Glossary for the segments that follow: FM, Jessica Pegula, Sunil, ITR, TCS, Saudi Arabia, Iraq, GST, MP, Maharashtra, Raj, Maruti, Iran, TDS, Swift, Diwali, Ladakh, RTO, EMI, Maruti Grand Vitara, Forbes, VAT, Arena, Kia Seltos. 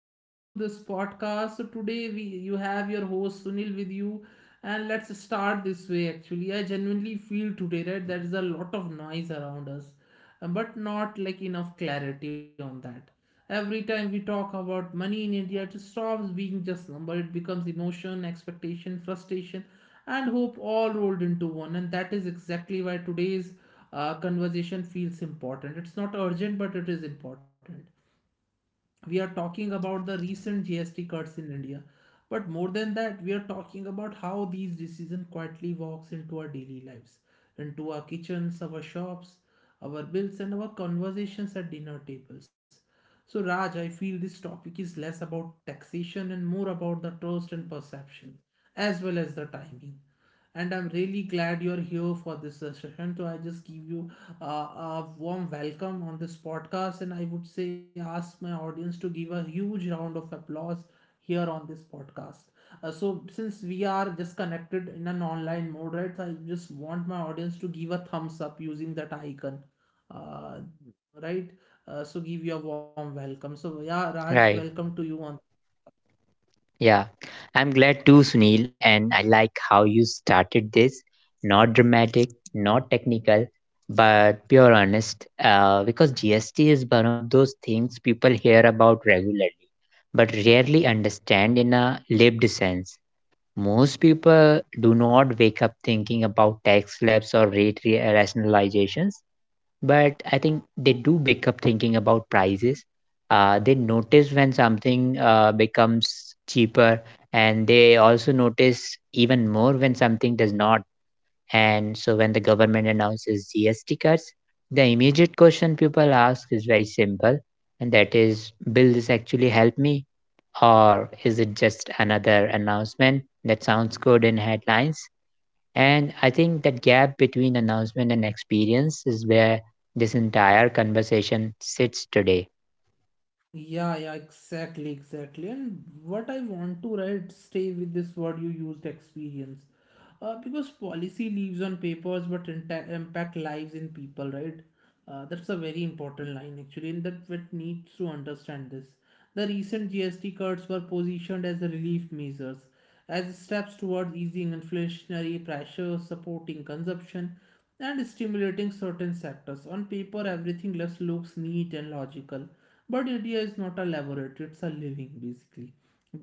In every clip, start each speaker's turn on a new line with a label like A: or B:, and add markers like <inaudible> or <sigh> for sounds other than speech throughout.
A: Welcome to this podcast. So today we You have your host Sunil with you, and let's start this way. Actually, I genuinely feel today, right, there is a lot of noise around us, but not like enough clarity on that. Every time we talk about money in India, it stops being just number. It becomes emotion, expectation, frustration, and hope all rolled into one. And that is exactly why today's conversation feels important. It's not urgent, but it is important. We are talking about the recent GST cuts in India, but more than that, we are talking about how these decisions quietly walks into our daily lives, into our kitchens, our shops, our bills, and our conversations at dinner tables. So, Raj, I feel this topic is less about taxation and more about the trust and perception, as well as the timing. And I'm really glad you're here for this session. So I just give you a warm welcome on this podcast. And I would say, ask my audience to give a huge round of applause here on this podcast. So, since we are just connected in an online mode, right, so I just want my audience to give a thumbs up using that icon, uh, right? So, give your warm welcome. So, yeah, Raj,
B: Right.
A: welcome to you on.
B: Yeah. I'm glad too, Sunil, and I like how you started this. Not dramatic, not technical, but pure honest. Because GST is one of those things people hear about regularly, but rarely understand in a lived sense. Most people do not wake up thinking about tax slabs or rate rationalizations, but I think they do wake up thinking about prices. They notice when something becomes cheaper, and they also notice even more when something does not. And so, when the government announces GST cuts, the immediate question people ask is very simple, and that is, will this actually help me, or is it just another announcement that sounds good in headlines? And I think that gap between announcement and experience is where this entire conversation sits today.
A: Yeah, yeah, exactly, exactly. And what I want to, right, stay with this word you used, experience. Because policy leaves on papers but impact lives in people, right? That's a very important line actually, and that needs to understand this. The recent GST cuts were positioned as a relief measures, as steps towards easing inflationary pressure, supporting consumption, and stimulating certain sectors. On paper everything just looks neat and logical, but India is not a laboratory. It's a living, basically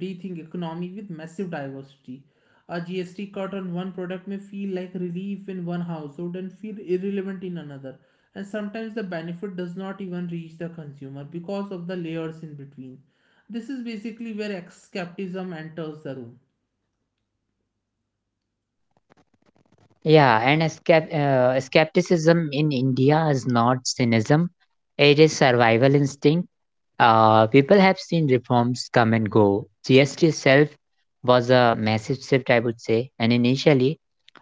A: breathing economy with massive diversity. A GST cut on one product may feel like relief in one household and feel irrelevant in another. And sometimes the benefit does not even reach the consumer because of the layers in between. This is basically where skepticism enters the room.
B: Yeah, and a skepticism in India is not cynicism, it is survival instinct. People have seen reforms come and go. GST itself was a massive shift, I would say, and initially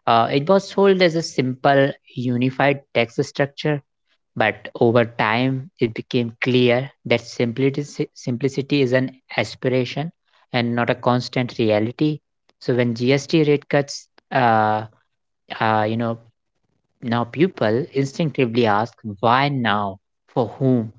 B: it was sold as a simple, unified tax structure. But over time, it became clear that simplicity, simplicity is an aspiration and not a constant reality. So when GST rate cuts, uh, you know, now, people instinctively ask why now, for whom,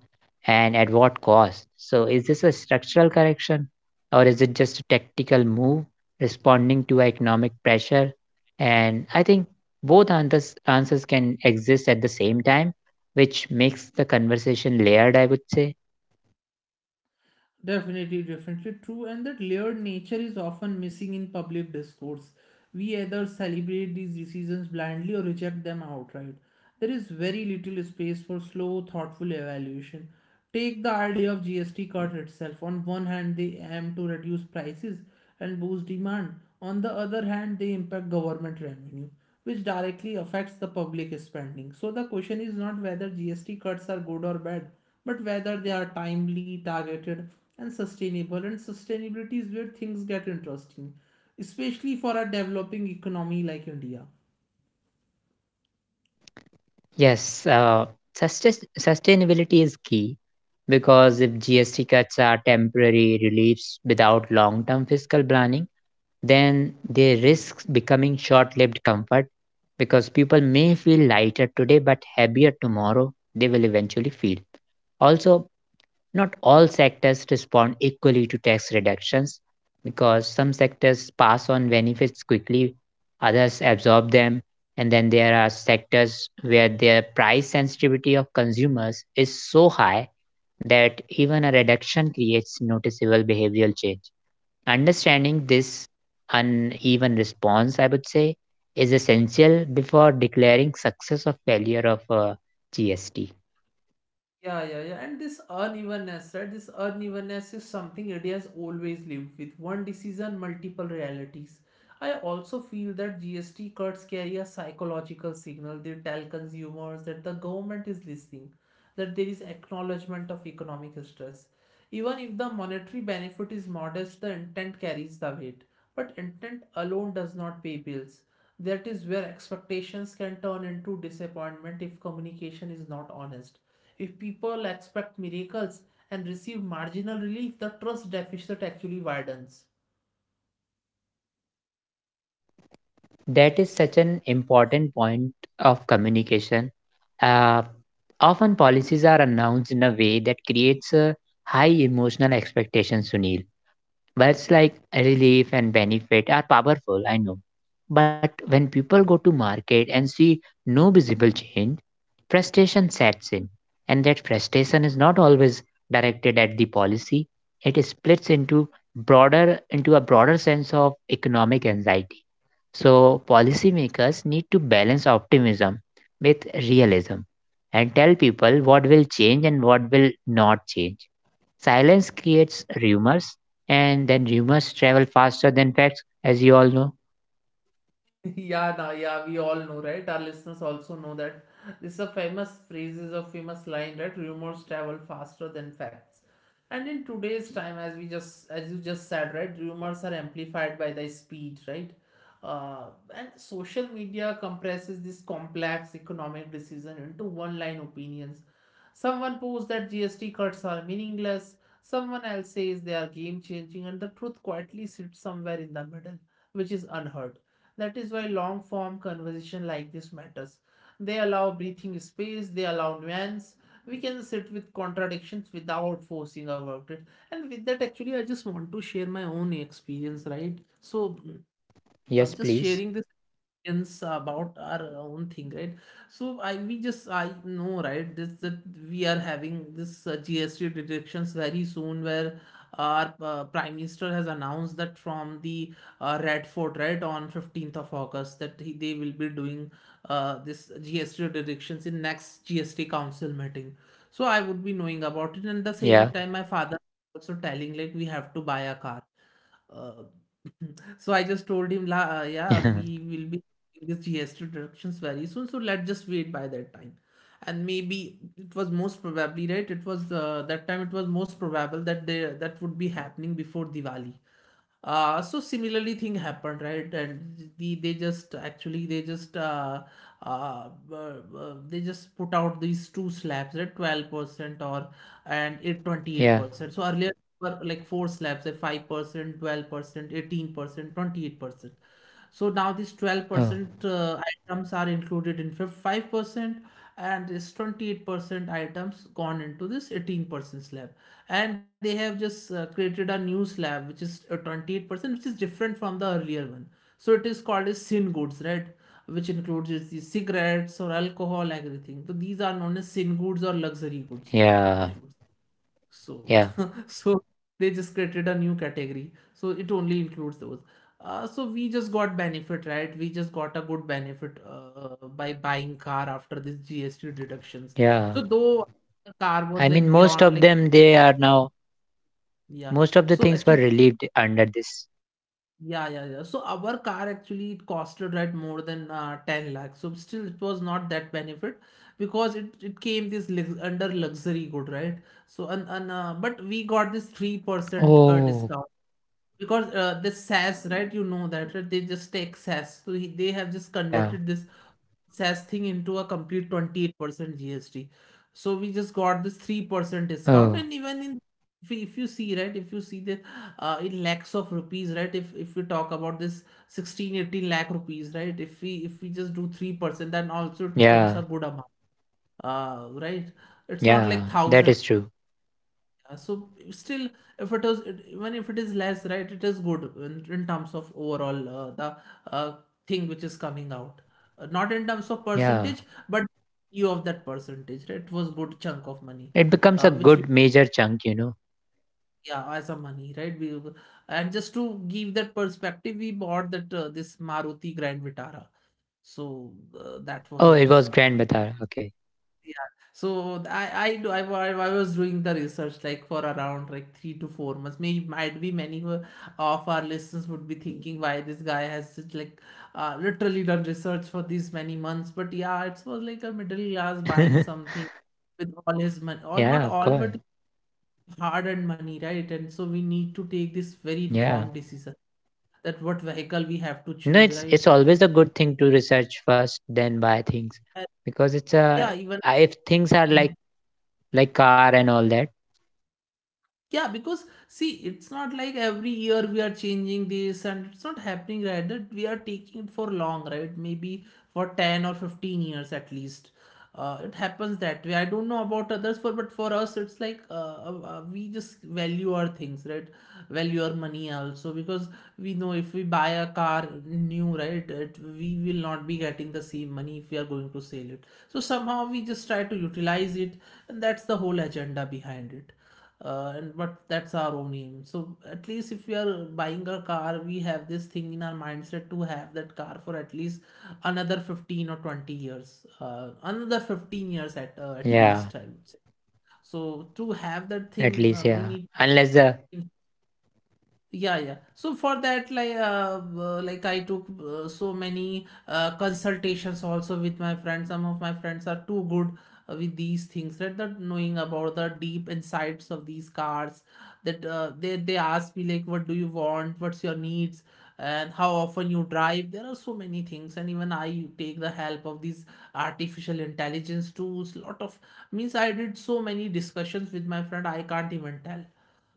B: and at what cost. So, is this a structural correction or is it just a tactical move responding to economic pressure? And I think both answers can exist at the same time, which makes the conversation layered, I would say.
A: Definitely, definitely true, and that layered nature is often missing in public discourse. We either celebrate these decisions blindly or reject them outright. There is very little space for slow, thoughtful evaluation. Take the idea of GST cut itself. On one hand, they aim to reduce prices, and boost demand. On the other hand, they impact government revenue, which directly affects the public spending. So the question is not whether GST cuts are good or bad, but whether they are timely, targeted, and sustainable. And sustainability is where things get interesting, especially for a developing economy like India.
B: Yes, sustainability is key, because if GST cuts are temporary reliefs without long term fiscal planning, then they risk becoming short lived comfort, because people may feel lighter today but heavier tomorrow, they will eventually feel. Also, not all sectors respond equally to tax reductions, because some sectors pass on benefits quickly, others absorb them, and then there are sectors where the price sensitivity of consumers is so high that even a reduction creates noticeable behavioral change. Understanding this uneven response, I would say, is essential before declaring success or failure of a GST.
A: Yeah, yeah, yeah. And this unevenness, right? This unevenness is something India has always lived with. One decision, multiple realities. I also feel that GST cuts carry a psychological signal. They tell consumers that the government is listening, that there is acknowledgement of economic stress. Even if the monetary benefit is modest, the intent carries the weight. But intent alone does not pay bills. That is where expectations can turn into disappointment if communication is not honest. If people expect miracles and receive marginal relief, the trust deficit actually widens.
B: That is such an important point of communication. Uh, Often policies are announced in a way that creates a high emotional expectation, Sunil. Words like relief and benefit are powerful, I know. But when people go to market and see no visible change, frustration sets in. And that frustration is not always directed at the policy. It splits into a broader sense of economic anxiety. So policymakers need to balance optimism with realism, and tell people what will change and what will not change. Silence creates rumors, and then rumors travel faster than facts, as you all know.
A: <laughs> Yeah, nah, yeah, we all know, right? Our listeners also know that this is a famous phrase, is a famous line, right? Rumors travel faster than facts. And in today's time, as we just as you just said, right, rumors are amplified by the speed, right? Uh, and social media compresses this complex economic decision into one-line opinions. Someone posts that GST cuts are meaningless. Someone else says they are game-changing, and the truth quietly sits somewhere in the middle, which is unheard. That is why long form conversation like this matters. They allow breathing space, they allow nuance. We can sit with contradictions without forcing about it. And with that, actually, I just want to share my own experience, right? So,
B: Yes,
A: just sharing
B: please.
A: this experience about our own thing, right? So i we just i know, right, this that we are having this GST detections very soon, where our prime minister has announced that from the Red Fort, right, on 15th of August, that they will be doing this GST detections in next GST council meeting. So I would be knowing about it, and the same
B: Yeah.
A: time my father also telling like we have to buy a car. Uh, so I just told him, "La, yeah, we
B: <laughs>
A: will be getting this GST reductions very soon. So let's just wait by that time." And maybe it was, most probably, right, it was that time. It was most probable that they that would be happening before Diwali. So similarly thing happened, right, and they just, actually uh, uh, they just put out these two slabs, right, 12% or and it
B: Yeah.
A: 28%. So earlier were like four slabs at 5%, 12%, 18%, 28%. So now these
B: Oh.
A: 12% items are included in 5%, and this 28% items gone into this 18% slab, and they have just created a new slab which is 28%, which is different from the earlier one. So it is called as sin goods, right, which includes the cigarettes or alcohol, everything. So these are known as sin goods or luxury goods, I
B: Yeah.
A: would. So
B: Yeah.
A: <laughs> so they just created a new category, so it only includes those. So we just got benefit, right? We just got a good benefit by buying car after this GST deductions.
B: Yeah.
A: So though the car was
B: I
A: like
B: mean, most
A: beyond like
B: of them,
A: yeah.
B: most of the
A: So
B: things
A: actually,
B: were relieved under this.
A: yeah, yeah, yeah. So our car, actually it costed, right, more than 10 lakhs. So still it was not that benefit because it came this lux under luxury good, right? So and but we got this 3%
B: Oh.
A: discount because this SAS, right? You know that, right? They just take SAS. So they have just
B: Yeah. Yeah.
A: converted this SAS thing into a complete 28% GST. So we just got this 3% discount.
B: Oh.
A: And even in if you see, right, if you see that in lakhs of rupees, right, if we talk about this 16, 18 lakh rupees, right, if we just do 3%, then also it comes a
B: Yeah.
A: good amount, right? It's not like
B: Yeah.
A: thousand.
B: That is true.
A: So still, if it was even if it is less, right, it is good in terms of overall the uh, thing which is coming out, not in terms of
B: Yeah.
A: percentage but you of that percentage, right, it was good chunk of money,
B: It becomes a
A: which we.
B: good major chunk, you know.
A: Yeah, as a money, right, we. And just to give that perspective, we bought that this Maruti Grand Vitara. So that was
B: Oh,
A: it.
B: it was
A: <laughs>
B: Grand Batar. Okay.
A: Yeah. So I do I, wa- I was doing the research like for around like 3 to 4 months. Maybe might be many of our listeners would be thinking why this guy has such like literally done research for these many months. But yeah, it was like a middle class buying
B: <laughs>
A: something with all his money, all not
B: Yeah, of
A: all,
B: course.
A: but hard-earned money, right? And so we need to take this very
B: Yeah.
A: informed decision, that what vehicle we have to
B: You know,
A: choose,
B: it's
A: right?
B: it's always a good thing to research first, then buy things,
A: And
B: because it's a...
A: yeah, even.
B: If things are like
A: Hmm.
B: like car and all that.
A: Yeah, because see, it's not like every year we are changing this, and it's not happening, right, that we are taking it for long, right? Maybe for 10 or 15 years at least. It happens that way. I don't know about others for, but for us it's like we just value our things, right? Value our money also because we know if we buy a car new, right, we will not be getting the same money if we are going to sell it. So somehow we just try to utilize it, and that's the whole agenda behind it. And But that's our own aim. So at least if we are buying a car, we have this thing in our mindset to have that car for at least another 15 or 20 years, another 15 years at
B: Yeah.
A: least I would say. So to have that
B: At
A: thing,
B: least. Yeah.
A: we need.
B: Unless the...
A: Yeah, yeah. So for that, like I took so many consultations also with my friends. Some of my friends are too good with these things, right? That, knowing about the deep insights of these cars, that they ask me like, what do you want? What's your needs? And how often you drive? There are so many things, and even I take the help of these artificial intelligence tools. Lot of means I did so many discussions with my friend. I can't even tell.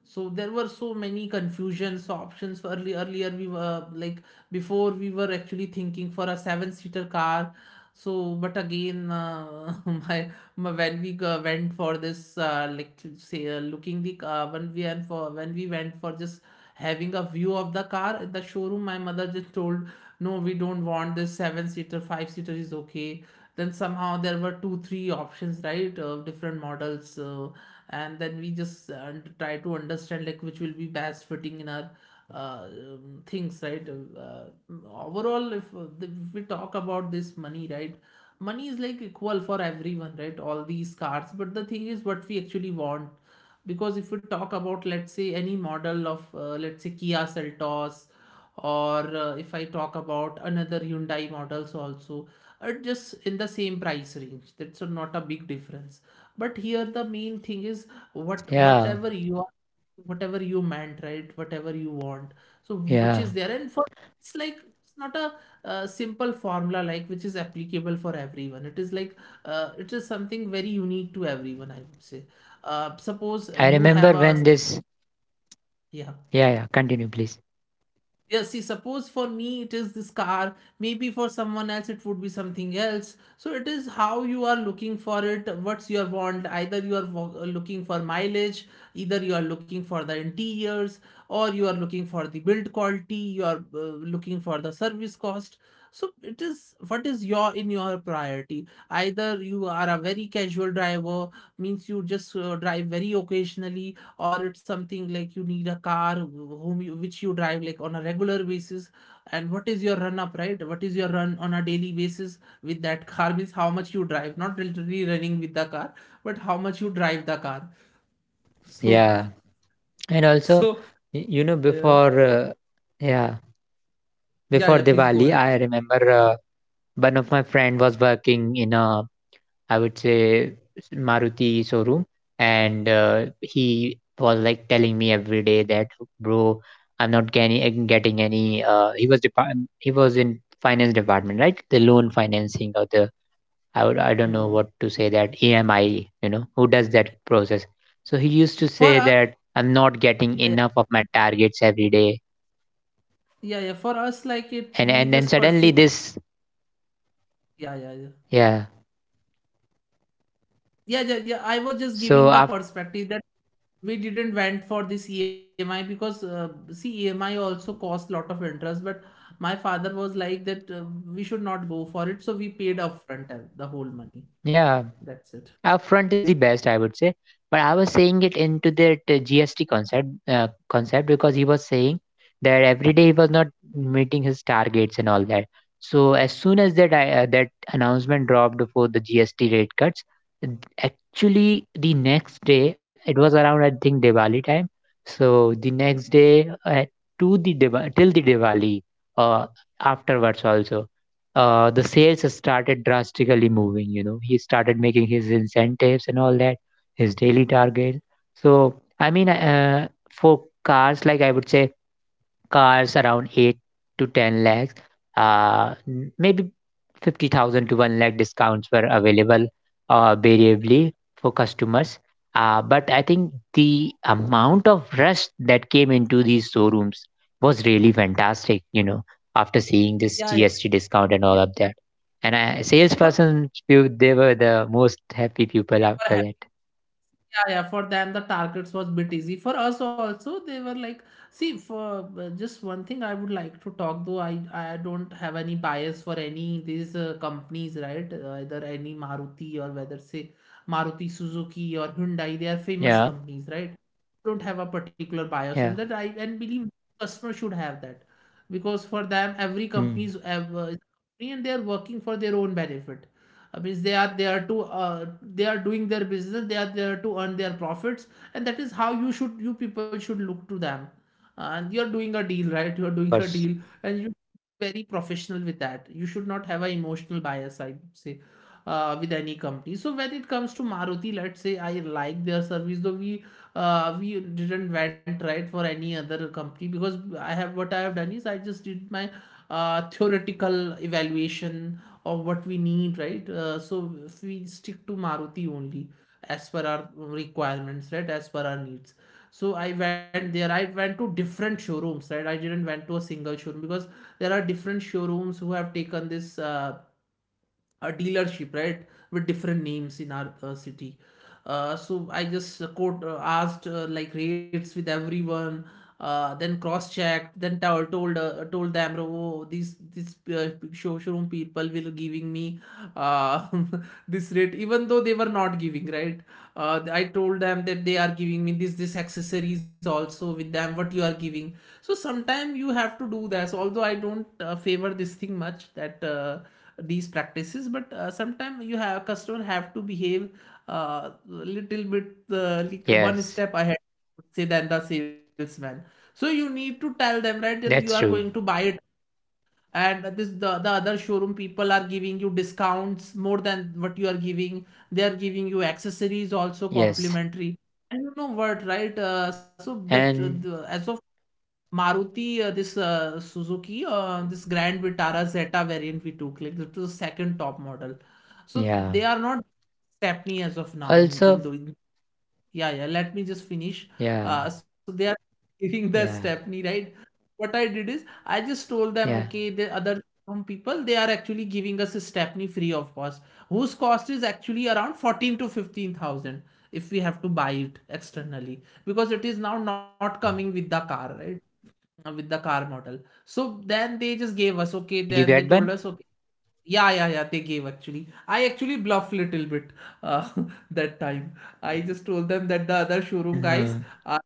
A: So there were so many confusions, so options for early earlier. We were like, before, we were actually thinking for a seven seater car. So but again <laughs> my when we went for this like to say looking the car, when we, and for when we went for just having a view of the car at the showroom, my mother just told, no, we don't want this seven seater, five seater is okay. Then somehow there were 2-3 options, right, of different models. And then we just try to understand like which will be best fitting in our things, right? Overall, if we talk about this money, right, money is like equal for everyone, right, all these cards, but the thing is what we actually want. Because if we talk about, let's say, any model of let's say Kia Seltos, or if I talk about another Hyundai models also, are just in the same price range, that's not a big difference. But here the main thing is
B: Yeah.
A: whatever you are, whatever you meant, right, whatever you want. So which
B: Yeah,
A: is there, and for, it's like, it's not a simple formula like which is applicable for everyone. It is like, it is something very unique to everyone, I would say. Suppose
B: I
A: you
B: remember
A: have a,
B: when this...
A: yeah.
B: Yeah, yeah, continue please.
A: Yeah, see, suppose for me it is this car, maybe for someone else it would be something else. So it is how you are looking for it, what's your want. Either you are looking for mileage, either you are looking for the interiors, or you are looking for the build quality, you are looking for the service cost. So it is what is your, in your priority. Either you are a very casual driver, means you just drive very occasionally, or it's something like you need a car whom you, which you drive like on a regular basis. And what is your run up, right, what is your run on a daily basis with that car, means how much you drive, not literally running with the car, but how much you drive the car. <laughs> So,
B: Yeah. And also...
A: so
B: You know,
A: uh,
B: before yeah,
A: yeah,
B: before
A: yeah, please
B: Diwali,
A: go ahead.
B: I remember... One of my friend was working in a, I would say, Maruti showroom, and he was like telling me every day that, bro, I'm not getting any. He was in finance department, right? The loan financing, or the... I would... I don't know
A: Mm.
B: what to say, that EMI. You know who does that process? So he used to say
A: For us,
B: that I'm not getting
A: yeah,
B: enough of my targets every day,
A: yeah, yeah, for us like it's, we
B: and then
A: just
B: suddenly
A: perceive,
B: this...
A: yeah, yeah, yeah,
B: Yeah.
A: yeah, yeah, yeah, I was just giving the
B: So after.
A: perspective that we didn't went for this EMI, because see, EMI also costs lot of interest, but my father was like that we should not go for it, so we paid upfront the whole money,
B: Yeah,
A: that's it.
B: upfront is the best, I would say. But I was saying it into that gst concept, because he was saying that every day he was not meeting his targets and all that. So, as soon as that announcement dropped for the GST rate cuts, actually the next day, it was around, I think, Diwali time. So the next day, to the till the Diwali, uh, afterwards also, the sales started drastically moving. You know, he started making his incentives and all that, his daily target. So, I mean, for cars, like I would say, cars around 8 to 10 lakhs, maybe 50,000 to 1 lakh discounts were available
A: Yeah,
B: variably for customers. But I think the amount of rush that came into these showrooms was really fantastic, you know, after seeing this
A: yeah, yeah,
B: GST discount and
A: yeah.
B: all of that. And I,
A: for,
B: salesperson, few, they were the most happy people after
A: for
B: that.
A: yeah, yeah. For them, the targets was bit easy. For us also, they were like, see, for just one thing, I would like to talk though. I don't have any bias for any these companies, right? Either any Maruti or whether say Maruti Suzuki or Hyundai, they are famous
B: Yeah,
A: companies, right? Don't have a particular bias, and
B: yeah.
A: that I and believe customer should have that, because for them, every company
B: Mm,
A: is is a company and they are working for their own benefit. I mean, they are there to they are doing their business, they are there to earn their profits. And that is how you should, you people should look to them. And you're doing a deal, right? <laughs> You're doing
B: of
A: a deal,
B: course.
A: and you, very professional with that, you should not have an emotional bias, I would say, with any company. So when it comes to Maruti, let's say I like their service. Though we didn't went, right, for any other company. Because I have, what I have done is I just did my theoretical evaluation of what we need, right? So if we stick to Maruti only, as per our requirements, right? As per our needs. So I went there. I went to different showrooms, right? I didn't went to a single showroom, because there are different showrooms who have taken this a dealership, right, with different names in our city. So I just quote asked like rates with everyone, then cross checked, then told them, oh, these showroom people will giving me uh, <laughs> this rate, even though they were not giving, right? I told them that they are giving me this accessories also with them. What you are giving? So sometimes you have to do this. Although I don't favor this thing much, that. These practices, but sometimes you have, customer have to behave little bit like one
B: Yes,
A: step ahead, say, than the salesman. So you need to tell them, right, that you are
B: that's
A: going to
B: true.
A: buy it, and this, the other showroom people are giving you discounts more than what you are giving, they are giving you accessories also
B: Yes.
A: complimentary, and you know what, right? So that
B: And
A: as of Maruti, this Suzuki, this Grand Vitara Zeta variant we took, like this was the second top model. So
B: yeah.
A: they are not Stepney as of now in
B: Also,
A: doing. Yeah, yeah. Let me just finish.
B: yeah,
A: So they are <laughs> giving the
B: yeah,
A: Stepney, right? What I did is I just told them,
B: yeah.
A: okay, the other, some people, they are actually giving us a Stepney free of cost, whose cost is actually around fourteen to fifteen thousand if we have to buy it externally, because it is now not coming
B: Oh,
A: with the car, right? With the car model. So then they just gave us, okay,
B: did you
A: then they
B: get
A: told
B: Ben?
A: us, okay, yeah, yeah, yeah, they gave actually. I actually bluffed little bit uh, <laughs> that time. I just told them that the other showroom guys
B: <laughs>
A: uh,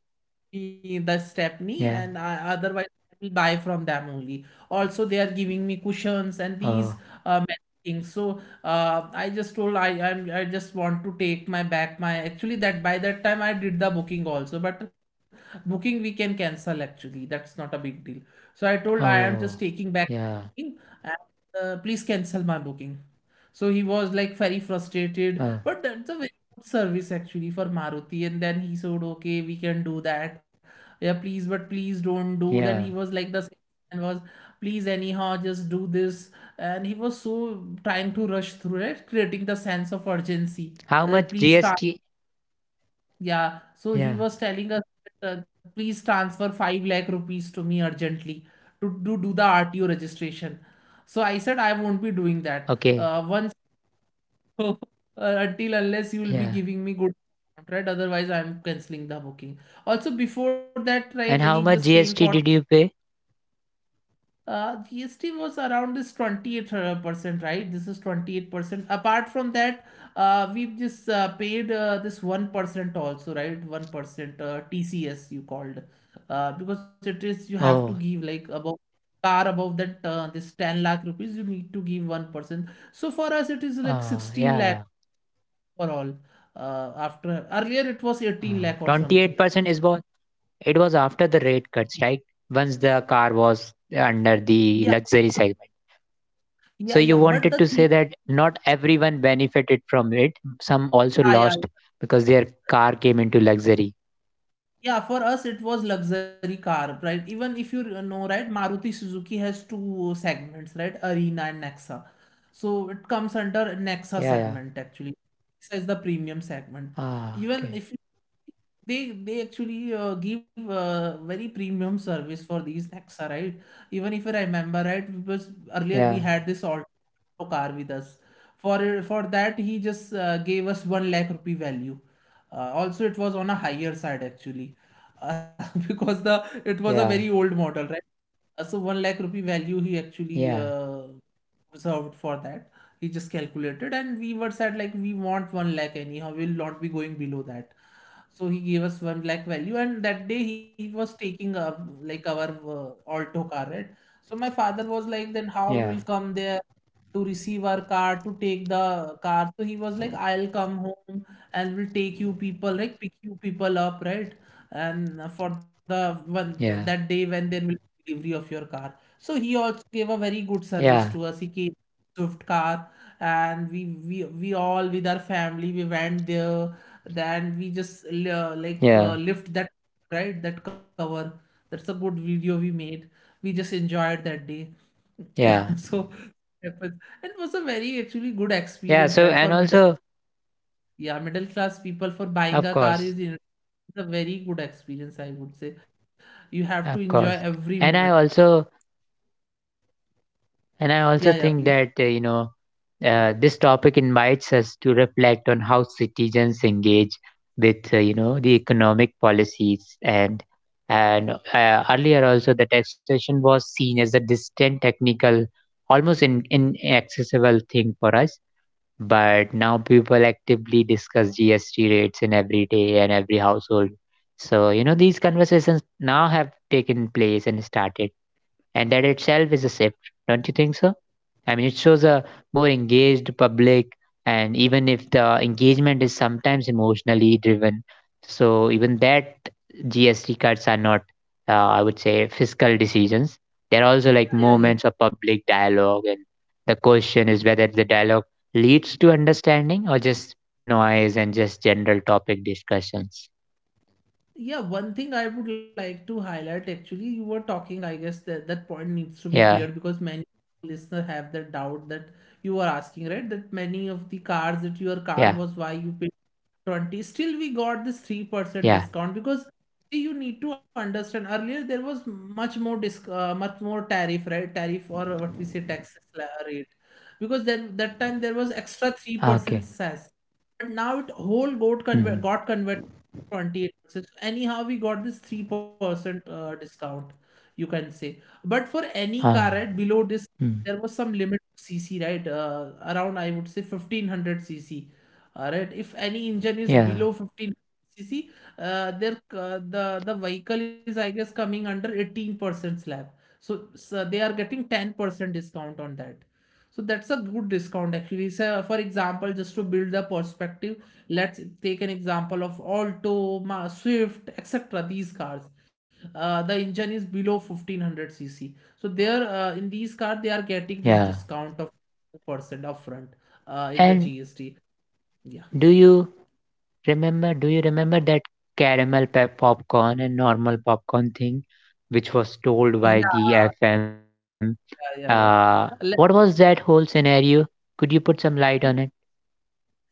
A: the Stepney, and
B: Yeah.
A: I, otherwise I will buy from them only. Also, they are giving me cushions and these
B: Oh.
A: many things. So I just told, I just want to take my back, my, actually, that by that time I did the booking also, but booking we can cancel actually. That's not a big deal. So I told, I am just
B: Oh.
A: taking back
B: Yeah.
A: booking, and please cancel my booking. So he was like very frustrated,
B: Oh.
A: but that's a very good service actually for Maruti. And then he said, okay, we can do that. Yeah, please, but please don't do. Then he
B: Yeah.
A: was like the and was, please anyhow just do this. And he was so trying to rush through it, creating the sense of urgency
B: How
A: that
B: much
A: please start.
B: GST?
A: Yeah. So
B: Yeah.
A: he was telling us that, please transfer 5 lakh rupees to me urgently to do the RTO registration. So I said I won't be doing that
B: Okay.
A: once <laughs> until unless you will be
B: Yeah.
A: giving me good, right, otherwise I'm canceling the booking. Also before that, right, he
B: And how
A: just
B: much
A: came for
B: GST did you pay?
A: GST was around this 28 percent, right, this is 28%. Apart from that we've just paid this 1% also, right, 1% TCS, you called, because it is, you have to
B: Oh.
A: give like about car above that this 10 lakh rupees, you need to give 1%. So for us it is like 16
B: Yeah.
A: lakh
B: Yeah.
A: for all. After, earlier it was 18 lakh or something, I
B: 28%
A: guess.
B: is what? It was after the rate cuts, right? Once the car was under
A: Yeah,
B: the luxury segment. So
A: yeah,
B: you
A: yeah. But
B: wanted
A: the
B: to say
A: thing,
B: that not everyone benefited from it. Some also
A: yeah, yeah.
B: lost because their car came into luxury.
A: Yeah, for us it was luxury car, right? Even if you know, right, Maruti Suzuki has two segments, right? Arena and Nexa. So it comes under Nexa
B: Yeah. Yeah.
A: segment actually. Nexa is the premium segment.
B: Ah.
A: Even
B: Okay.
A: if you, they actually give very premium service for these Nexa, right? Even if I remember right, because earlier
B: Yeah,
A: we had this Alto car with us. For that he just gave us 1 lakh rupee value. Also, it was on a higher side actually. <laughs> Because the, it was a
B: yeah,
A: very old model, right? So 1 lakh rupee value he
B: yeah,
A: actually reserved for that. He just calculated, and we were said like we want 1 lakh anyhow. We'll not be going below that, so he gave us one lakh value. And that day, he was taking up like our Alto car, right? So my father was like, then how we
B: yeah,
A: will come there to receive our car, to take the car. So he was like, I'll come home and will take you people, like pick you people up, right? And for the one, that
B: yeah,
A: day when there will be delivery of your car. So he also gave a very good service
B: yeah,
A: to us. He came Swift car, and we all with our family, we went there. Then we just like
B: yeah,
A: lift that, right, that cover. That's a good video we made. We just enjoyed that day. <laughs>
B: yeah,
A: So it was it was a very actually good
B: yeah.
A: experience,
B: So
A: right, for
B: and
A: middle,
B: also,
A: yeah, middle class people. For buying
B: of
A: a car
B: course,
A: is it's a very good experience, I would say. You have to enjoy
B: of course,
A: every moment.
B: and I also,
A: Yeah, yeah,
B: think
A: please.
B: that this topic invites us to reflect on how citizens engage with, the economic policies. And earlier also, the taxation was seen as a distant, technical, almost inaccessible thing for us. But now people actively discuss GST rates in every day and every household. So, you know, these conversations now have taken place and started, and that itself is a shift. Don't you think so? I mean, it shows a more engaged public, and even if the engagement is sometimes emotionally driven, so even that GST cuts are not, I would say, fiscal decisions. They're also like
A: Yeah, yeah, yeah.
B: moments of public dialogue, and the question is whether the dialogue leads to understanding or just noise and just general topic discussions.
A: Yeah, one thing I would like to highlight actually, you were talking, I guess, that point needs to be
B: Yeah,
A: cleared, because many listener have the doubt that you were asking, right? That many of the cars, that your car
B: yeah,
A: was, why you paid 20, still we got this 3%
B: yeah.
A: discount. Because see, you need to understand, earlier there was much more tariff, right? Tariff, or what we say tax rate. Because then that time there was extra 3%
B: Okay.
A: sas, but now it whole got
B: Mm.
A: convert got converted to 28%. So anyhow we got this 3% discount, you can say. But for any car right
B: Ah.
A: below this,
B: Mm.
A: there was some limit to cc, right? Around, I would say, 1500 cc. Alright, if any engine is
B: Yeah,
A: below 15 cc, their the vehicle is, I guess, coming under 18% slab. So they are getting 10% discount on that. So that's a good discount actually. So for example, just to build the perspective, let's take an example of Alto, Swift, etc. These cars, the engine is below 1500 cc. So there, in these cars, they are getting this
B: yeah.
A: discount of percent upfront in the
B: And
A: GST. Yeah.
B: do you do you remember that caramel pep popcorn and normal popcorn thing, which was told by
A: Yeah,
B: the FM?
A: yeah,
B: Uh,
A: yeah, yeah.
B: what was that
A: Like,
B: whole scenario? Could you put some light on it?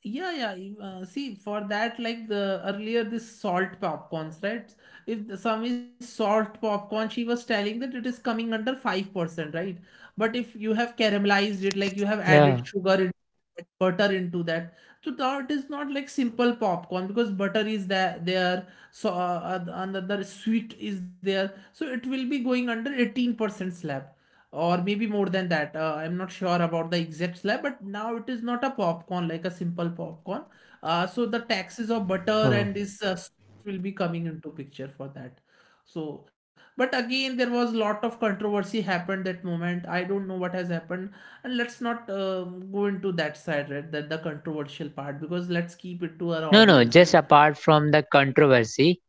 A: yeah, yeah. See, for that, like the earlier, this salt popcorns, right? If the- Some is salt popcorn, she was telling that it is coming under 5%, right? But if you have caramelized it, like you have
B: Yeah.
A: added sugar in, like, butter into that. So that is not like simple popcorn, because butter is there, so another sweet is there, so it will be going under 18% slab, or maybe more than that. I'm not sure about the exact slab, but now it is not a popcorn, like a simple popcorn. So the taxes of butter
B: Oh.
A: and this sweet will be coming into picture for that. So, but again, there was lot of controversy happened that moment. I don't know what has happened, and let's not go into that side, right? That the controversial part, because let's keep it to our
B: No, no,
A: audience.
B: just
A: And
B: apart from the controversy,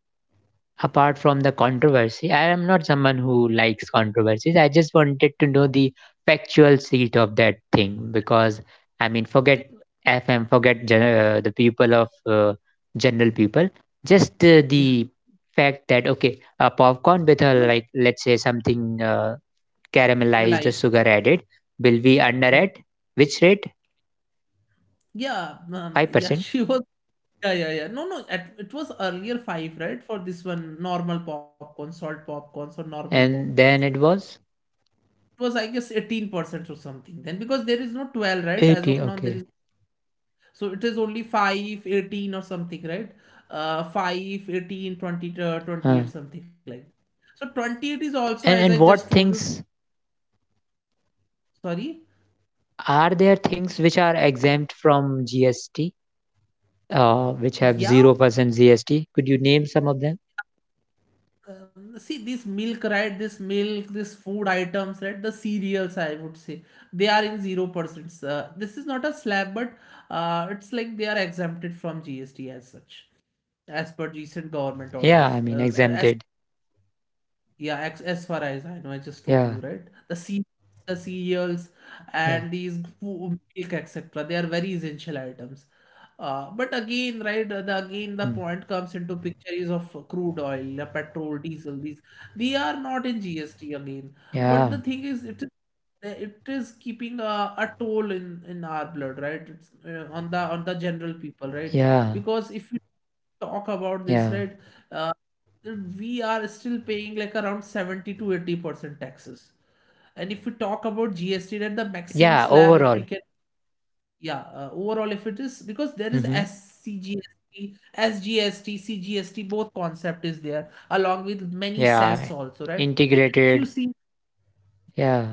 B: I am not someone who likes controversies. I just wanted to know the factual seat of that thing, because I mean, forget FM, forget the people of, general people, just
A: yeah,
B: the fact that, okay, a popcorn
A: she
B: with
A: was
B: a, like, let's say something caramelized or
A: caramelized.
B: sugar added will be under
A: Yeah,
B: at which rate?
A: yeah, yeah,
B: 5%?
A: she was... Yeah, yeah, yeah. No, no, it was earlier five, right? For this one, normal popcorn, salt popcorns or normal
B: And
A: popcorns.
B: then it was
A: It was, I guess, 18% or something then, because there is no 12, right? As
B: 80,
A: of now, there
B: okay.
A: is. So it is only 5, 18 or something, right? 5, 18, 20,
B: uh,
A: 28, something like that. So 28 is also, as
B: and,
A: I just
B: what
A: told you,
B: things...
A: sorry.
B: Are there things which are exempt from GST, which have
A: Yeah,
B: 0% GST? Could you name some of them?
A: See this milk, right? This milk, this food items, right? The cereals, I would say, they are in 0%. This is not a slab, but it's like they are exempted from GST as such, as per recent government
B: Yeah, I
A: orders.
B: mean,
A: As
B: exempted.
A: yeah, as far as I know, I just told
B: Yeah,
A: you, right? The cereals, the cereals,
B: yeah.
A: and these milk, etc. They are very essential items. But again, right, the again the
B: Hmm.
A: point comes into picture is of crude oil, petrol, diesel. These, they are not in GST again. But the
B: Yeah,
A: thing is, it is keeping a toll in our blood, right? It's on the general people, right?
B: yeah,
A: Because if you talk about this,
B: yeah.
A: right, uh, we are still paying like around 70 to 80% taxes. And if we talk about GST, that the maximum
B: Yeah,
A: slab, if we
B: overall.
A: can. Yeah, overall, if it is, because there is
B: Mm-hmm.
A: SCGST, SGST, CGST, both concept is there, along with many SES
B: Yeah,
A: also, right? If you
B: integrated.
A: see,
B: Yeah.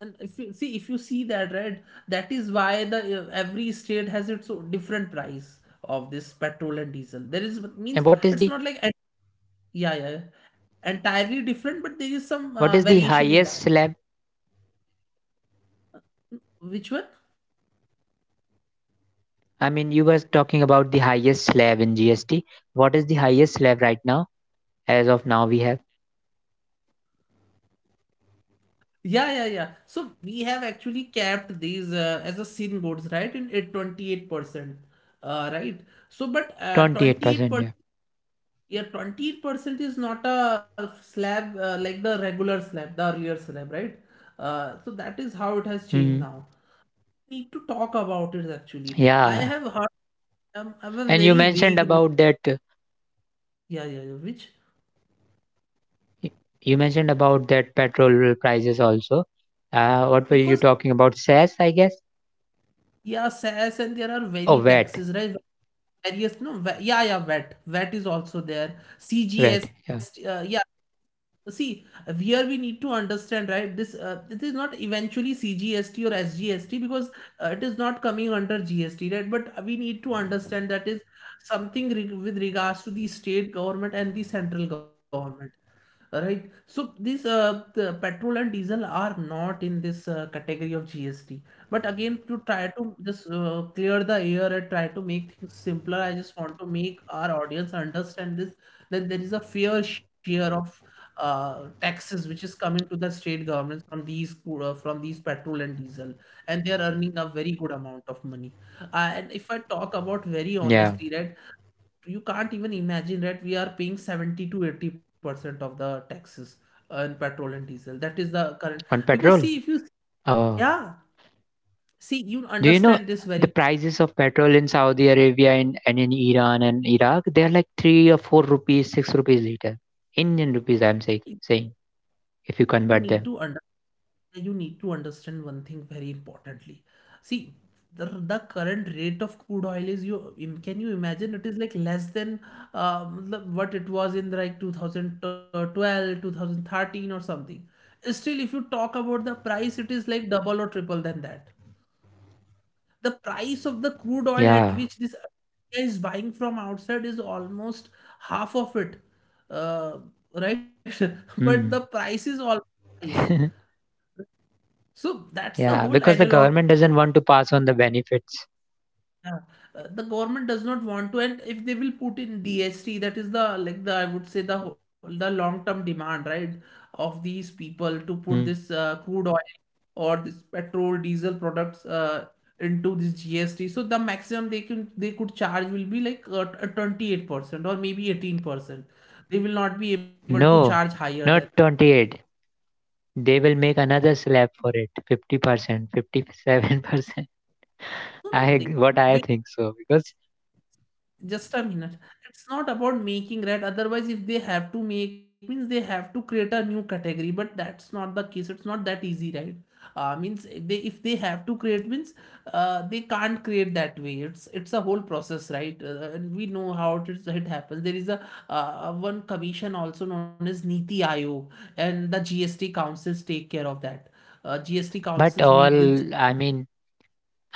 A: if you see that, right, that is why the every state has its own different price of this petrol and diesel. There is
B: And
A: means, it's not like yeah, yeah, yeah, entirely different, but there is some
B: what is the
A: variation in
B: highest
A: that.
B: slab?
A: Which one?
B: I mean, you were talking about the highest slab in GST. What is the highest slab right now? As of now, we have
A: Yeah, yeah, yeah. So we have actually capped these as a sin goals, right? In at 28%, right? So, but
B: 28%.
A: 28%,
B: Yeah.
A: yeah, 28% is not a slab like the regular slab, the earlier slab, right? So that is how it has changed
B: Hmm.
A: now. Need to talk about it actually. I
B: Yeah.
A: have heard, I have a
B: And you
A: very
B: mentioned
A: vague,
B: about that...
A: yeah, yeah, yeah, which...
B: Y- You mentioned about that petrol prices also. What were you
A: Because
B: talking about? SAS, I guess?
A: yeah, SAS and there are
B: Oh,
A: very
B: VAT.
A: taxes, right? Various no wa- yeah, yeah, vet is also there, cgs.
B: VAT. Yeah.
A: Yeah, see, where we need to understand, right, this it is not eventually cgst or sgst, because it is not coming under gst, right? But we need to understand that is something with regards to the state government and the central government. Right. So these the petrol and diesel are not in this category of GST. But again, to try to just clear the air and try to make things simpler, I just want to make our audience understand this, that there is a fair share of taxes which is coming to the state governments from these petrol and diesel, and they are earning a very good amount of money. And if I talk about very
B: Yeah.
A: honestly, right, you can't even imagine that we are paying 70 to 80% of the taxes on petrol and diesel. That is the current.
B: On
A: Because
B: petrol.
A: see, if you...
B: Oh.
A: yeah, see, you
B: Do you know
A: understand this
B: the
A: very...
B: prices of petrol in Saudi Arabia, and in Iran and Iraq? They're like 3 or 4 rupees, 6 rupees liter. Indian rupees,
A: you
B: saying, if you
A: you need
B: convert
A: to
B: them.
A: understand, you need to understand one thing very importantly. See, the current rate of crude oil is, you can you imagine, it is like less than, what it was in like 2000 12, 2013 or something. Still if you talk about the price, it is like double or triple than that. The price of the crude oil at
B: Yeah.
A: which this India is buying from outside is almost half of it, uh, right? <laughs> But the
B: Mm.
A: price is always price.
B: <laughs>
A: So that's the
B: Yeah.
A: whole
B: Because the
A: analog.
B: government doesn't want to pass on the benefits.
A: Yeah. The government does not want to, and if they will put in DST, that is the like the, I would say, the the long term demand, right, of these people to put this
B: Mm.
A: crude oil or this petrol, diesel products into this GST. So the maximum they could charge will be like 28% or maybe 18%. They will not be able to charge
B: No.
A: higher than.
B: Not 28. They will make another slab for it, 50%, 57%.
A: No,
B: <laughs>
A: no,
B: I,
A: they
B: what
A: will,
B: I think so, because...
A: just a minute. It's not about making, right? Otherwise if they have to make means, they have to create a new category. But that's not the case, it's not that easy, right? Means if they have to create means, they can't create that way. It's a whole process, right? And we know how it happens. There is a, one commission also known as Niti Aayog, and the GST councils take care of that. GST councils
B: But
A: make this...
B: all, I mean,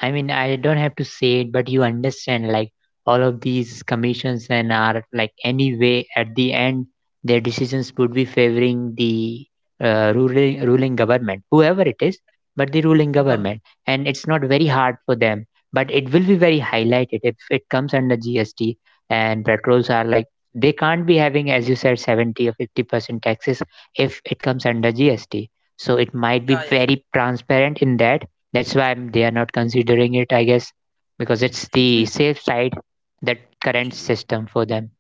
B: I don't have to say it, but you understand, like, all of these commissions and are, like, anyway, at the end, their decisions would be favoring the ruling government, whoever it is, but the ruling
A: Yeah,
B: government, and it's not very
A: yeah,
B: hard for them. But it will be very highlighted if it comes under GST, and petrols are like, they can't be having, as you said, 70 or 50% taxes if it comes under GST. So it might be
A: yeah.
B: very transparent in that. That's why they are not considering it, I guess, because it's
A: It
B: the
A: will
B: safe side, that current
A: be
B: system for them.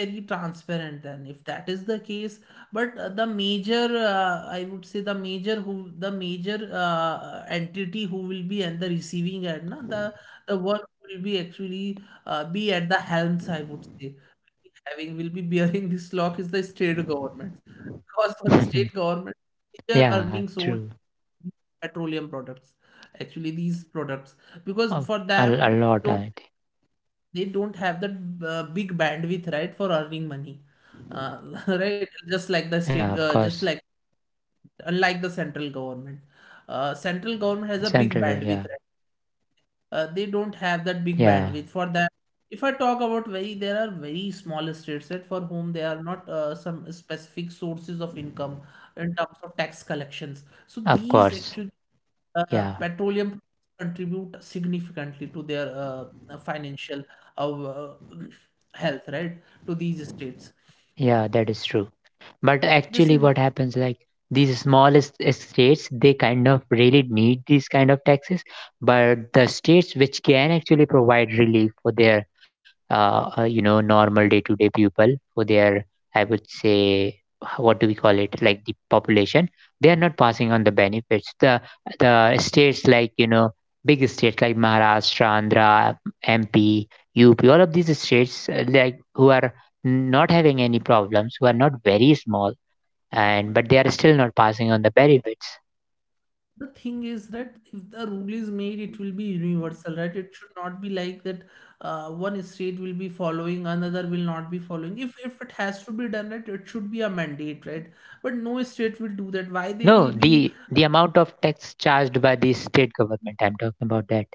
A: very transparent then, if that is the case. But the major, I would say the major, who the major entity who will be at the receiving end, na, the work will be actually be at the helms, I would say, having, will be bearing this lock, is the state government. Because for the state
B: <laughs>
A: government, major
B: Yeah,
A: earning source,
B: true.
A: petroleum products, actually these products. Because
B: Oh,
A: for
B: a
A: them,
B: lot, I think.
A: they don't have that big bandwidth, right, for earning money. uh, <laughs> right, just like the state,
B: Yeah, of
A: just
B: course.
A: like unlike the central government, central government has a big
B: Central, go.
A: bandwidth,
B: Yeah,
A: right? They don't have that big
B: yeah,
A: bandwidth for that. If I talk about very, there are very small states, that for whom there are not some specific sources of income in terms of tax collections. So
B: of
A: these
B: course.
A: actually,
B: Yeah,
A: petroleum contribute significantly to their financial uh, health, right, to these states.
B: yeah, that is true. But
A: This
B: actually
A: is...
B: what happens, like these smallest states, they kind of really need these kind of taxes, but the states which can actually provide relief for their normal day to day people, for their, I would say, what do we call it, like the population, they are not passing on the benefits. The states like, you know, big states like Maharashtra, Andhra, MP, UP, all of these states, like, who are not having any problems, who are not very small, and but they are still not passing on the benefits.
A: the thing is that if the rule is made, it will be universal, right? It should not be like that, one state will be following, another will not be following. If it has to be done, right, it should be a mandate, right? But no state will do that, why they
B: No,
A: will be...
B: the amount of tax charged by the state government, I'm talking about that.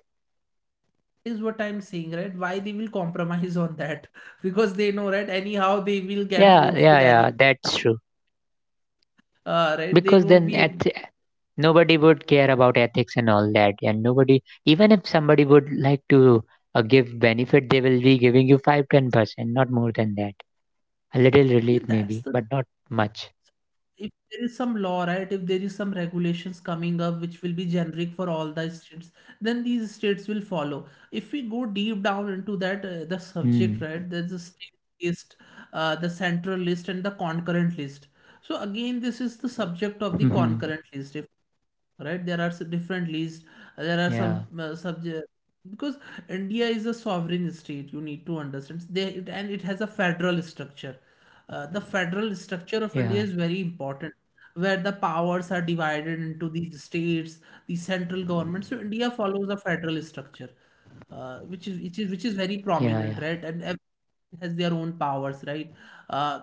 A: is what I'm saying, right? Why they will compromise on that? <laughs> Because they know, right, anyhow they will get
B: Yeah,
A: vote
B: yeah,
A: with any...
B: yeah. That's true.
A: Right? They
B: Because
A: won't
B: then
A: be
B: at,
A: ab-
B: nobody would care about ethics and all that, and nobody, even if somebody would like to give benefit, they will be giving you five ten percent, not more than that. A little
A: Yeah,
B: relief
A: that's
B: maybe,
A: the
B: but not much.
A: if there is some law, right, if there is some regulations coming up which will be generic for all the states, then these states will follow. If we go deep down into that, the
B: Hmm.
A: subject, right, there's a state list, the central list, and the concurrent list. So again, this is the subject
B: Hmm.
A: of the
B: Hmm.
A: concurrent list. If, right, there are some different lists, there are
B: Yeah.
A: some subject, because India is a sovereign state, you need to understand they it, and it has a federal structure. The federal structure of
B: Yeah.
A: India is very important, where the powers are divided into these states, the central government. So India follows a federal structure, which is which is very
B: Yeah. Yeah.
A: prominent, right? And everyone has their own powers, right? Uh,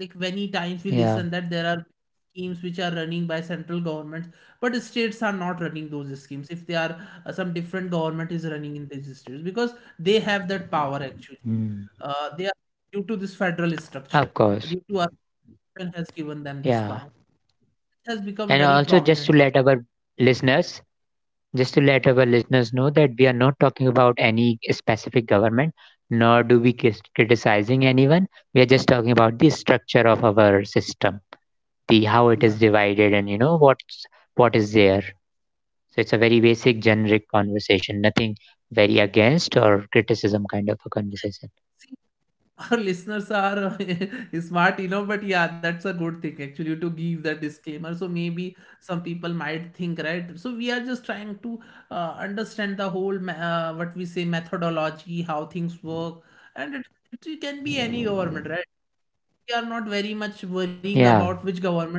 A: like many times we
B: Yeah.
A: listen that there are schemes which are running by central government, but states are not running those schemes. If they are some different government is running in these states because they have that power actually.
B: Hmm.
A: They Due to this federal
B: Of
A: structure,
B: course.
A: due to our constitution has given them this
B: Yeah.
A: power. It has
B: And
A: become very
B: also, just to
A: prominent now.
B: let our listeners, just to let our listeners know that we are not talking about any specific government, nor do we criticizing anyone. We are just talking about the structure of our system, the how it
A: Yeah.
B: is divided, and what's what is there. So it's a very basic, generic conversation. Nothing very against or criticism kind of a conversation.
A: See, <laughs> our listeners are <laughs> smart, but yeah, that's a good thing actually to give the disclaimer. So maybe some people might think, right? So we are just trying to understand the whole, ma- what we say, methodology, how things work, and it can be any government, right? We are not very much worrying
B: Yeah.
A: about which government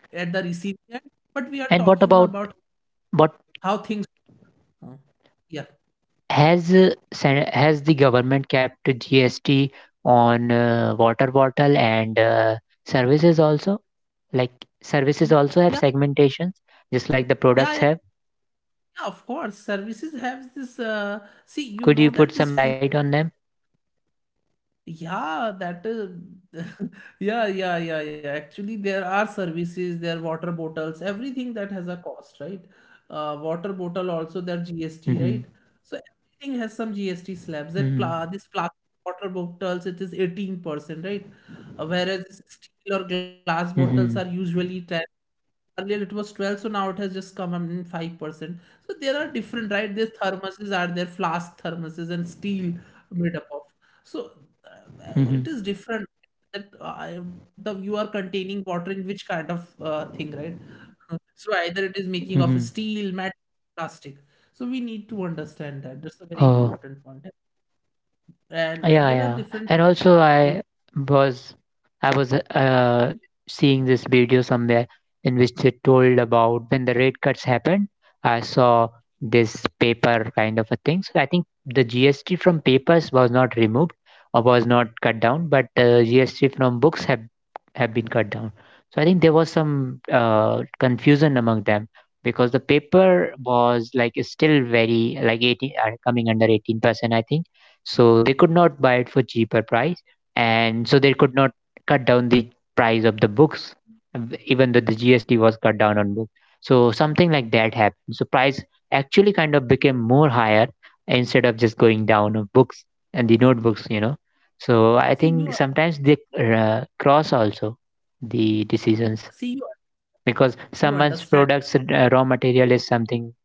A: at the receiving end, but we are
B: And what
A: talking
B: about,
A: about
B: what,
A: how things. Huh? Yeah.
B: has has the government kept GST on water bottle and services also? Like,
A: Y-
B: services also have
A: Yeah.
B: segmentations, just like the
A: Yeah.
B: products
A: Yeah.
B: have.
A: Yeah, of course, services have this. See, you
B: Could you
A: know
B: put
A: that
B: some
A: this.
B: light on them?
A: Yeah, that <laughs> yeah, yeah, yeah, yeah. Actually, there are services, there are water bottles, everything that has a cost, right? Water bottle also their GST,
B: Mm-hmm.
A: right? So everything has some GST slabs. That
B: Mm-hmm.
A: pla This plastic water bottles, it is 18%, right? Whereas steel or glass bottles are
B: Mm-hmm.
A: usually 10. Earlier it was 12, so now it has just come up in 5%. So there are different, right? These thermoses are there, flask thermoses and steel made up of. So, uh,
B: Mm-hmm.
A: it is different that I the you are containing water in which kind of thing, right? <laughs> So either it is making of a
B: Mm-hmm.
A: steel, metal, plastic. So we need to understand that. That's a very
B: Oh.
A: important point. And
B: Yeah,
A: there are
B: yeah.
A: different.
B: And also was I was seeing this video somewhere in which they told about when the rate cuts happened. I saw this paper kind of a thing. So I think the GST from papers was not removed or was not cut down, but the GST from books have been cut down. So I think there was some confusion among them, because the paper was like still very like 18, coming under 18%, I think, so they could not buy it for cheaper price and so they could not cut down the price of the books, even though the GST was cut down on books. So something like that happened, so price actually kind of became more higher instead of just going down, of books and the notebooks, you know. So I
A: See
B: think
A: you.
B: sometimes they cross also the
A: See you.
B: decisions,
A: You
B: because
A: understand.
B: someone's products raw material is something.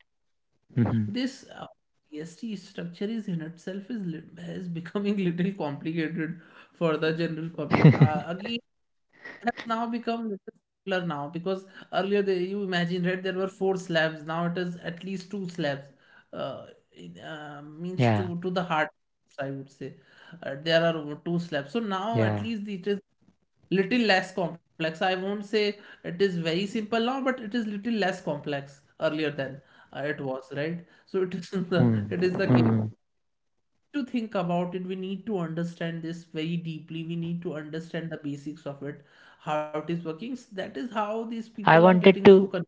B: Mhm.
A: This GST structure is in itself is is becoming <laughs> little complicated for the general public.
B: <laughs>
A: Again, it has now become little simpler now because earlier they, you imagine right, there were four slabs. Now it is at least two slabs. Uh, in, means to
B: yeah.
A: to the hard, I would say, there are over two slabs. So now at
B: Yeah.
A: least it is little less complex. I won't say it is very simple now, but it is little less complex earlier than it was, right, so it is <laughs> the it
B: Hmm.
A: is the case.
B: Hmm.
A: To think about it, we need to understand this very deeply. We need to understand the basics of it, how it is working. That is how these people
B: I
A: are getting
B: wanted
A: so
B: to.
A: confused.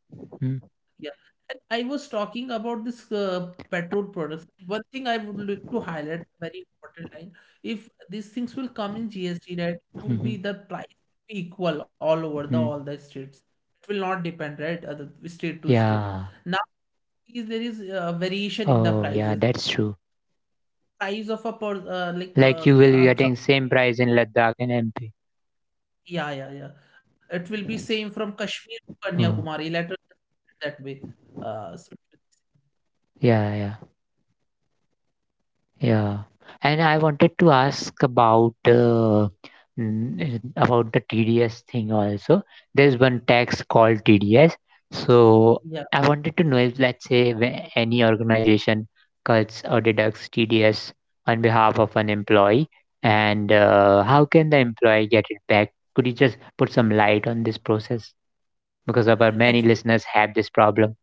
A: Yeah. And I was talking about this petrol products. One thing I would like to highlight, a very important line, if these things will come in GST, right, it will
B: Mm-hmm.
A: be the price be equal all over the all
B: Hmm.
A: the states. It will not depend, right, the state to state.
B: Yeah.
A: Now there is variation in the
B: Oh, yeah,
A: prices.
B: that's true.
A: Price of a per, like
B: Like, you will be
A: some-
B: getting same price in Ladakh and MP.
A: yeah, yeah, yeah. It will be same from Kashmir to
B: Mm.
A: Kanyakumari. Let us that way. So,
B: Yeah, yeah. Yeah, and I wanted to ask about about the TDS thing also. There's one tax called TDS. So
A: yeah.
B: I wanted to know if, let's say, any organization cuts or deducts TDS on behalf of an employee, and how can the employee get it back? Could you just put some light on this process? Because of our many
A: Actually,
B: listeners have this problem.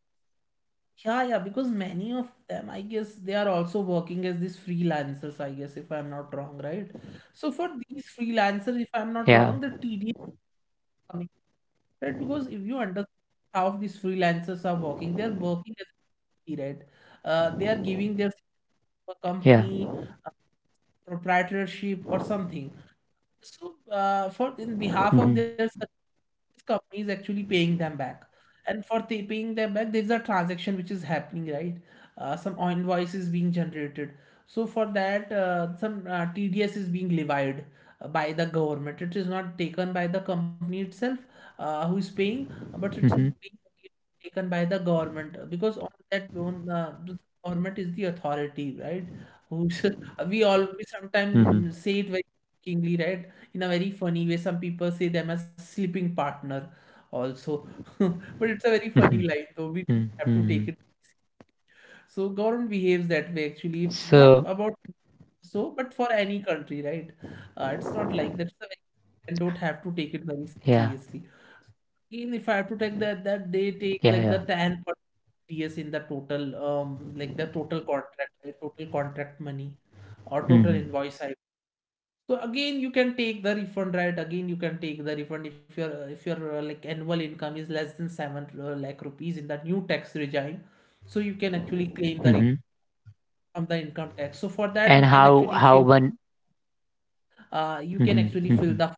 A: yeah, yeah, because many of them, I guess, they are also working as these freelancers, I guess, if I'm not wrong, right? So for these freelancers, if I'm not
B: Yeah,
A: wrong, the TDS coming, right? Because if you understand how these freelancers are working, they're working as a TD, right? They are giving their
B: yeah.
A: company uh, proprietorship or something. So, for in behalf
B: Mm-hmm,
A: of their service, company is actually paying them back. And for the paying them back, there is a transaction which is happening, right? Some invoice is being generated. So for that, some TDS is being levied by the government. It is not taken by the company itself, who is paying, but it is
B: mm-hmm,
A: being taken by the government because on that on the government is the authority, right? Who's <laughs> we all we
B: mm-hmm, mm-hmm.
A: sometimes say it very jokingly, right, in a very funny way. Some people say them as sleeping partner also, <laughs> but it's a very funny line, so we
B: Mm-hmm.
A: have to
B: Mm-hmm.
A: take it. So government behaves that way actually,
B: So
A: not about so, but for any country, right? It's not like that's a very and don't have to take it very
B: yeah,
A: seriously. Even if I have to take that, that they take
B: yeah,
A: like
B: yeah.
A: the 10 TS in the total, like the total contract money or total
B: Hmm,
A: invoice. I so again, you can take the refund, right? Again, you can take the refund if your like annual income is less than seven lakh rupees in that new tax regime. So you can actually claim the refund
B: hmm.
A: from the income tax. So for that,
B: And
A: you can actually
B: how
A: fill,
B: one?
A: you can
B: Hmm,
A: actually
B: hmm.
A: fill the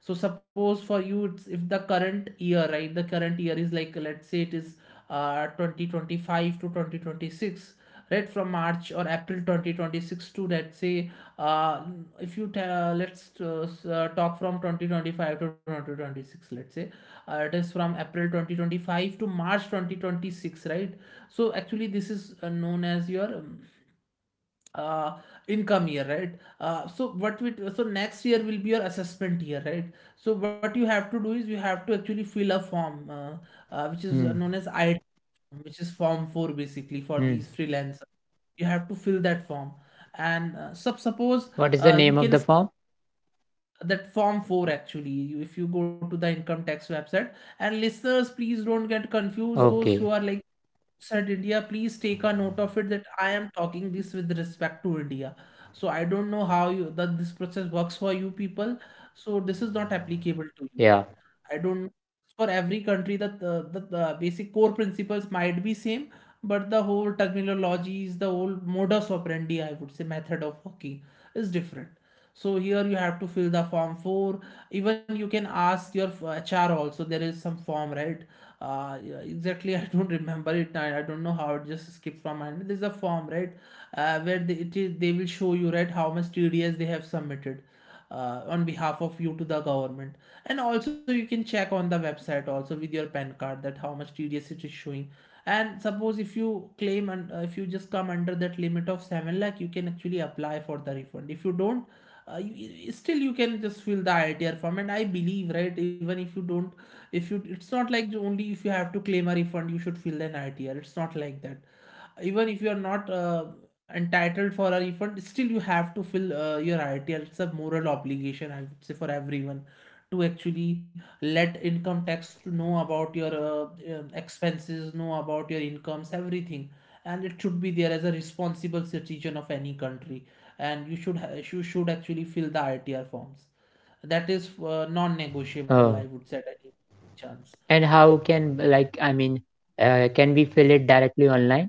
A: so suppose for you it's, if the current year, right, the current year is like, let's say it is 2025 to 2026, right, from March or April 2026 to, let's say, uh if you ta- let's talk from 2025 to 2026, let's say, it is from April 2025 to March 2026, right. So actually this is known as your uh income year, right? So what we, so next year will be your assessment year, right? So what you have to do is you have to actually fill a form, which is
B: Mm-hmm.
A: known as I which is form 4, basically, for
B: Mm-hmm.
A: these freelancers, you have to fill that form, and suppose
B: What is the
A: you
B: name of
A: can
B: the form?
A: that form 4 actually, you, if you go to the income tax website, and listeners please don't get confused, those who
B: Okay.
A: are like said India, please take a note of it that I am talking this with respect to India. So I don't know how you that this process works for you people. So this is not applicable to you.
B: Yeah.
A: I don't for every country the basic core principles might be same, but the whole terminologies, the whole modus operandi, I would say, method of working, is different. So here you have to fill the form 4. Even you can ask your HR also, there is some form, right? Yeah, exactly. <laughs> I don't remember it I don't know how it just skipped from my mind. There's a form, right? Where they, it is, they will show you right how much TDS they have submitted on behalf of you to the government. And also you can check on the website also with your PAN card, that how much TDS it is showing. And suppose if you claim and if you just come under that limit of 7 lakh, you can actually apply for the refund. If you don't still you can just fill the ITR form, and I believe right, even if you don't, if you it's not like only if you have to claim a refund you should fill an ITR, it's not like that. Even if you are not entitled for a refund, still you have to fill your ITR. It's a moral obligation, I would say, for everyone to actually let income tax to know about your expenses, know about your incomes, everything. And it should be there as a responsible citizen of any country, and you should you should actually fill the ITR forms. That is non-negotiable, I
B: Oh.
A: would say, at any chance.
B: And how can, like I mean, can we fill it directly online?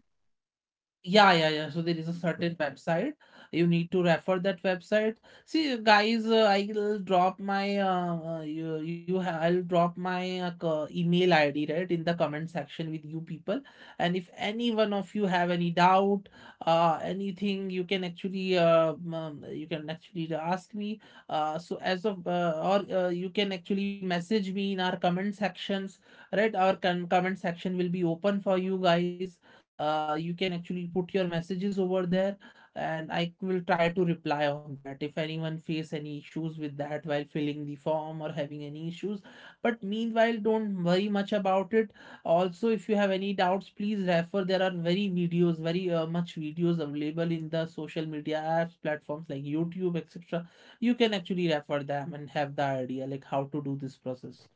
A: Yeah, yeah, yeah. So there is a certain website. You need to refer that website. See, guys, I'll drop my I'll drop my email ID right in the comment section with you people. And if any one of you have any doubt, anything, you can actually ask me. So as of or You can actually message me in our comment sections, right? Our comment section will be open for you guys, you can actually put your messages over there, and I will try to reply on that if anyone face any issues with that while filling the form or having any issues. But meanwhile, don't worry much about it. Also, if you have any doubts, please refer. There are very videos, very, much videos available in the social media apps, platforms like YouTube, etc. You can actually refer them and have the idea like how to do this process.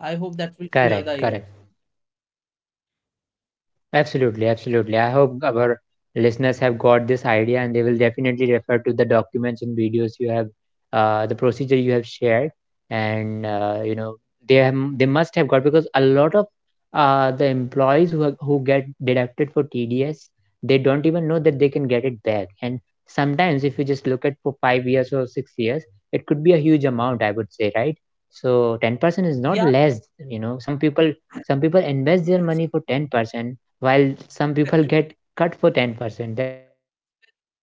A: I hope that will clear
B: Correct.
A: the
B: Correct.
A: air.
B: Absolutely, absolutely. I hope our listeners have got this idea and they will definitely refer to the documents and videos you have, the procedure you have shared, and you know, they must have got, because a lot of the employees who are, who get deducted for TDS, they don't even know that they can get it back, and sometimes if you just look at for 5 years or 6 years, it could be a huge amount, I would say, right? So 10% is
A: Yeah,
B: not less. You know, some people, some people invest their
A: that's
B: money for 10%, while some people
A: actually.
B: get cut for 10%. That's,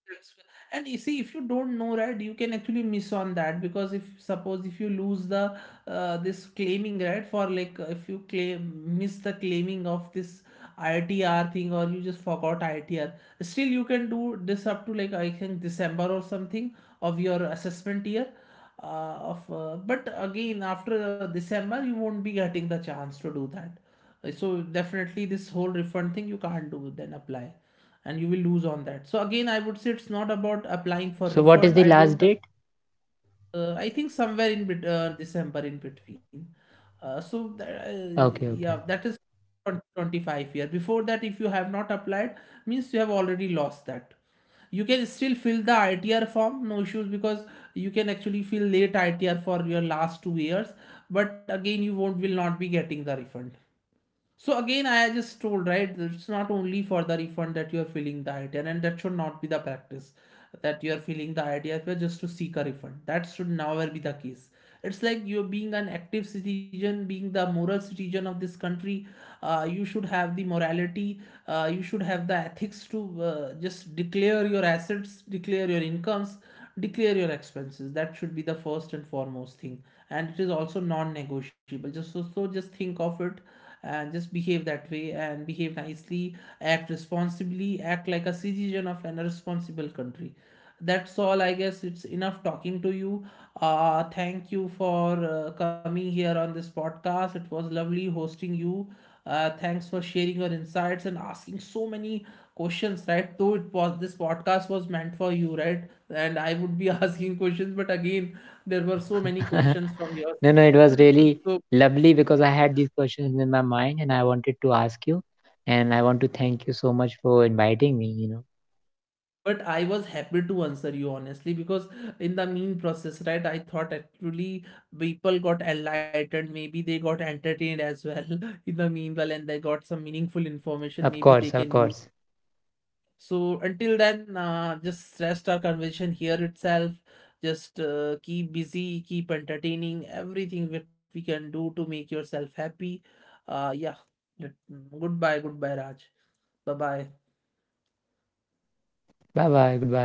A: That's- And you see, if you don't know, right, you can actually miss on that, because if suppose if you lose the this claiming, right, for like if you claim miss the claiming of this ITR thing, or you just forgot ITR, still you can do this up to like I think December or something of your assessment year. Of But again after December you won't be getting the chance to do that. So definitely this whole refund thing you can't do, then apply, and you will lose on that. So again I would say it's not about applying for
B: so what is the
A: refund, I
B: last
A: don't
B: date?
A: I think somewhere in December in between, uh, so that, uh,
B: Okay,
A: yeah,
B: okay.
A: that is 25 year, before that if you have not applied means you have already lost that. You can still fill the ITR form, no issues, because you can actually fill late ITR for your last 2 years, but again you won't will not be getting the refund. So again, I just told right, it's not only for the refund that you are feeling the idea, and that should not be the practice that you are feeling the idea but just to seek a refund. That should never be the case. It's like you're being an active citizen, being the moral citizen of this country. You should have the morality. You should have the ethics to just declare your assets, declare your incomes, declare your expenses. That should be the first and foremost thing, and it is also non-negotiable. Just so, so just think of it and just behave that way and behave nicely, act responsibly, act like a citizen of an responsible country. That's all, I guess. It's enough talking to you. Thank you for coming here on this podcast, it was lovely hosting you. Thanks for sharing your insights and asking so many questions, right, though it was this podcast was meant for you right, and I would be <laughs> asking questions, but again there
B: Yeah.
A: were so many
B: <laughs>
A: questions from your,
B: No, no, it was really
A: so
B: lovely because I had these questions in my mind and I wanted to ask you, and I want to thank you so much for inviting me, you know.
A: but I was happy to answer you honestly, because in the mean process right I thought actually people got enlightened, maybe they got entertained as well <laughs> in the meanwhile, and they got some meaningful information
B: Of
A: maybe they
B: course, of
A: can use.
B: course.
A: So until then, just rest our conversation here itself, just keep busy, keep entertaining, everything that we can do to make yourself happy. Yeah. Let- Goodbye, goodbye Raj, bye bye.
B: Bye bye, goodbye.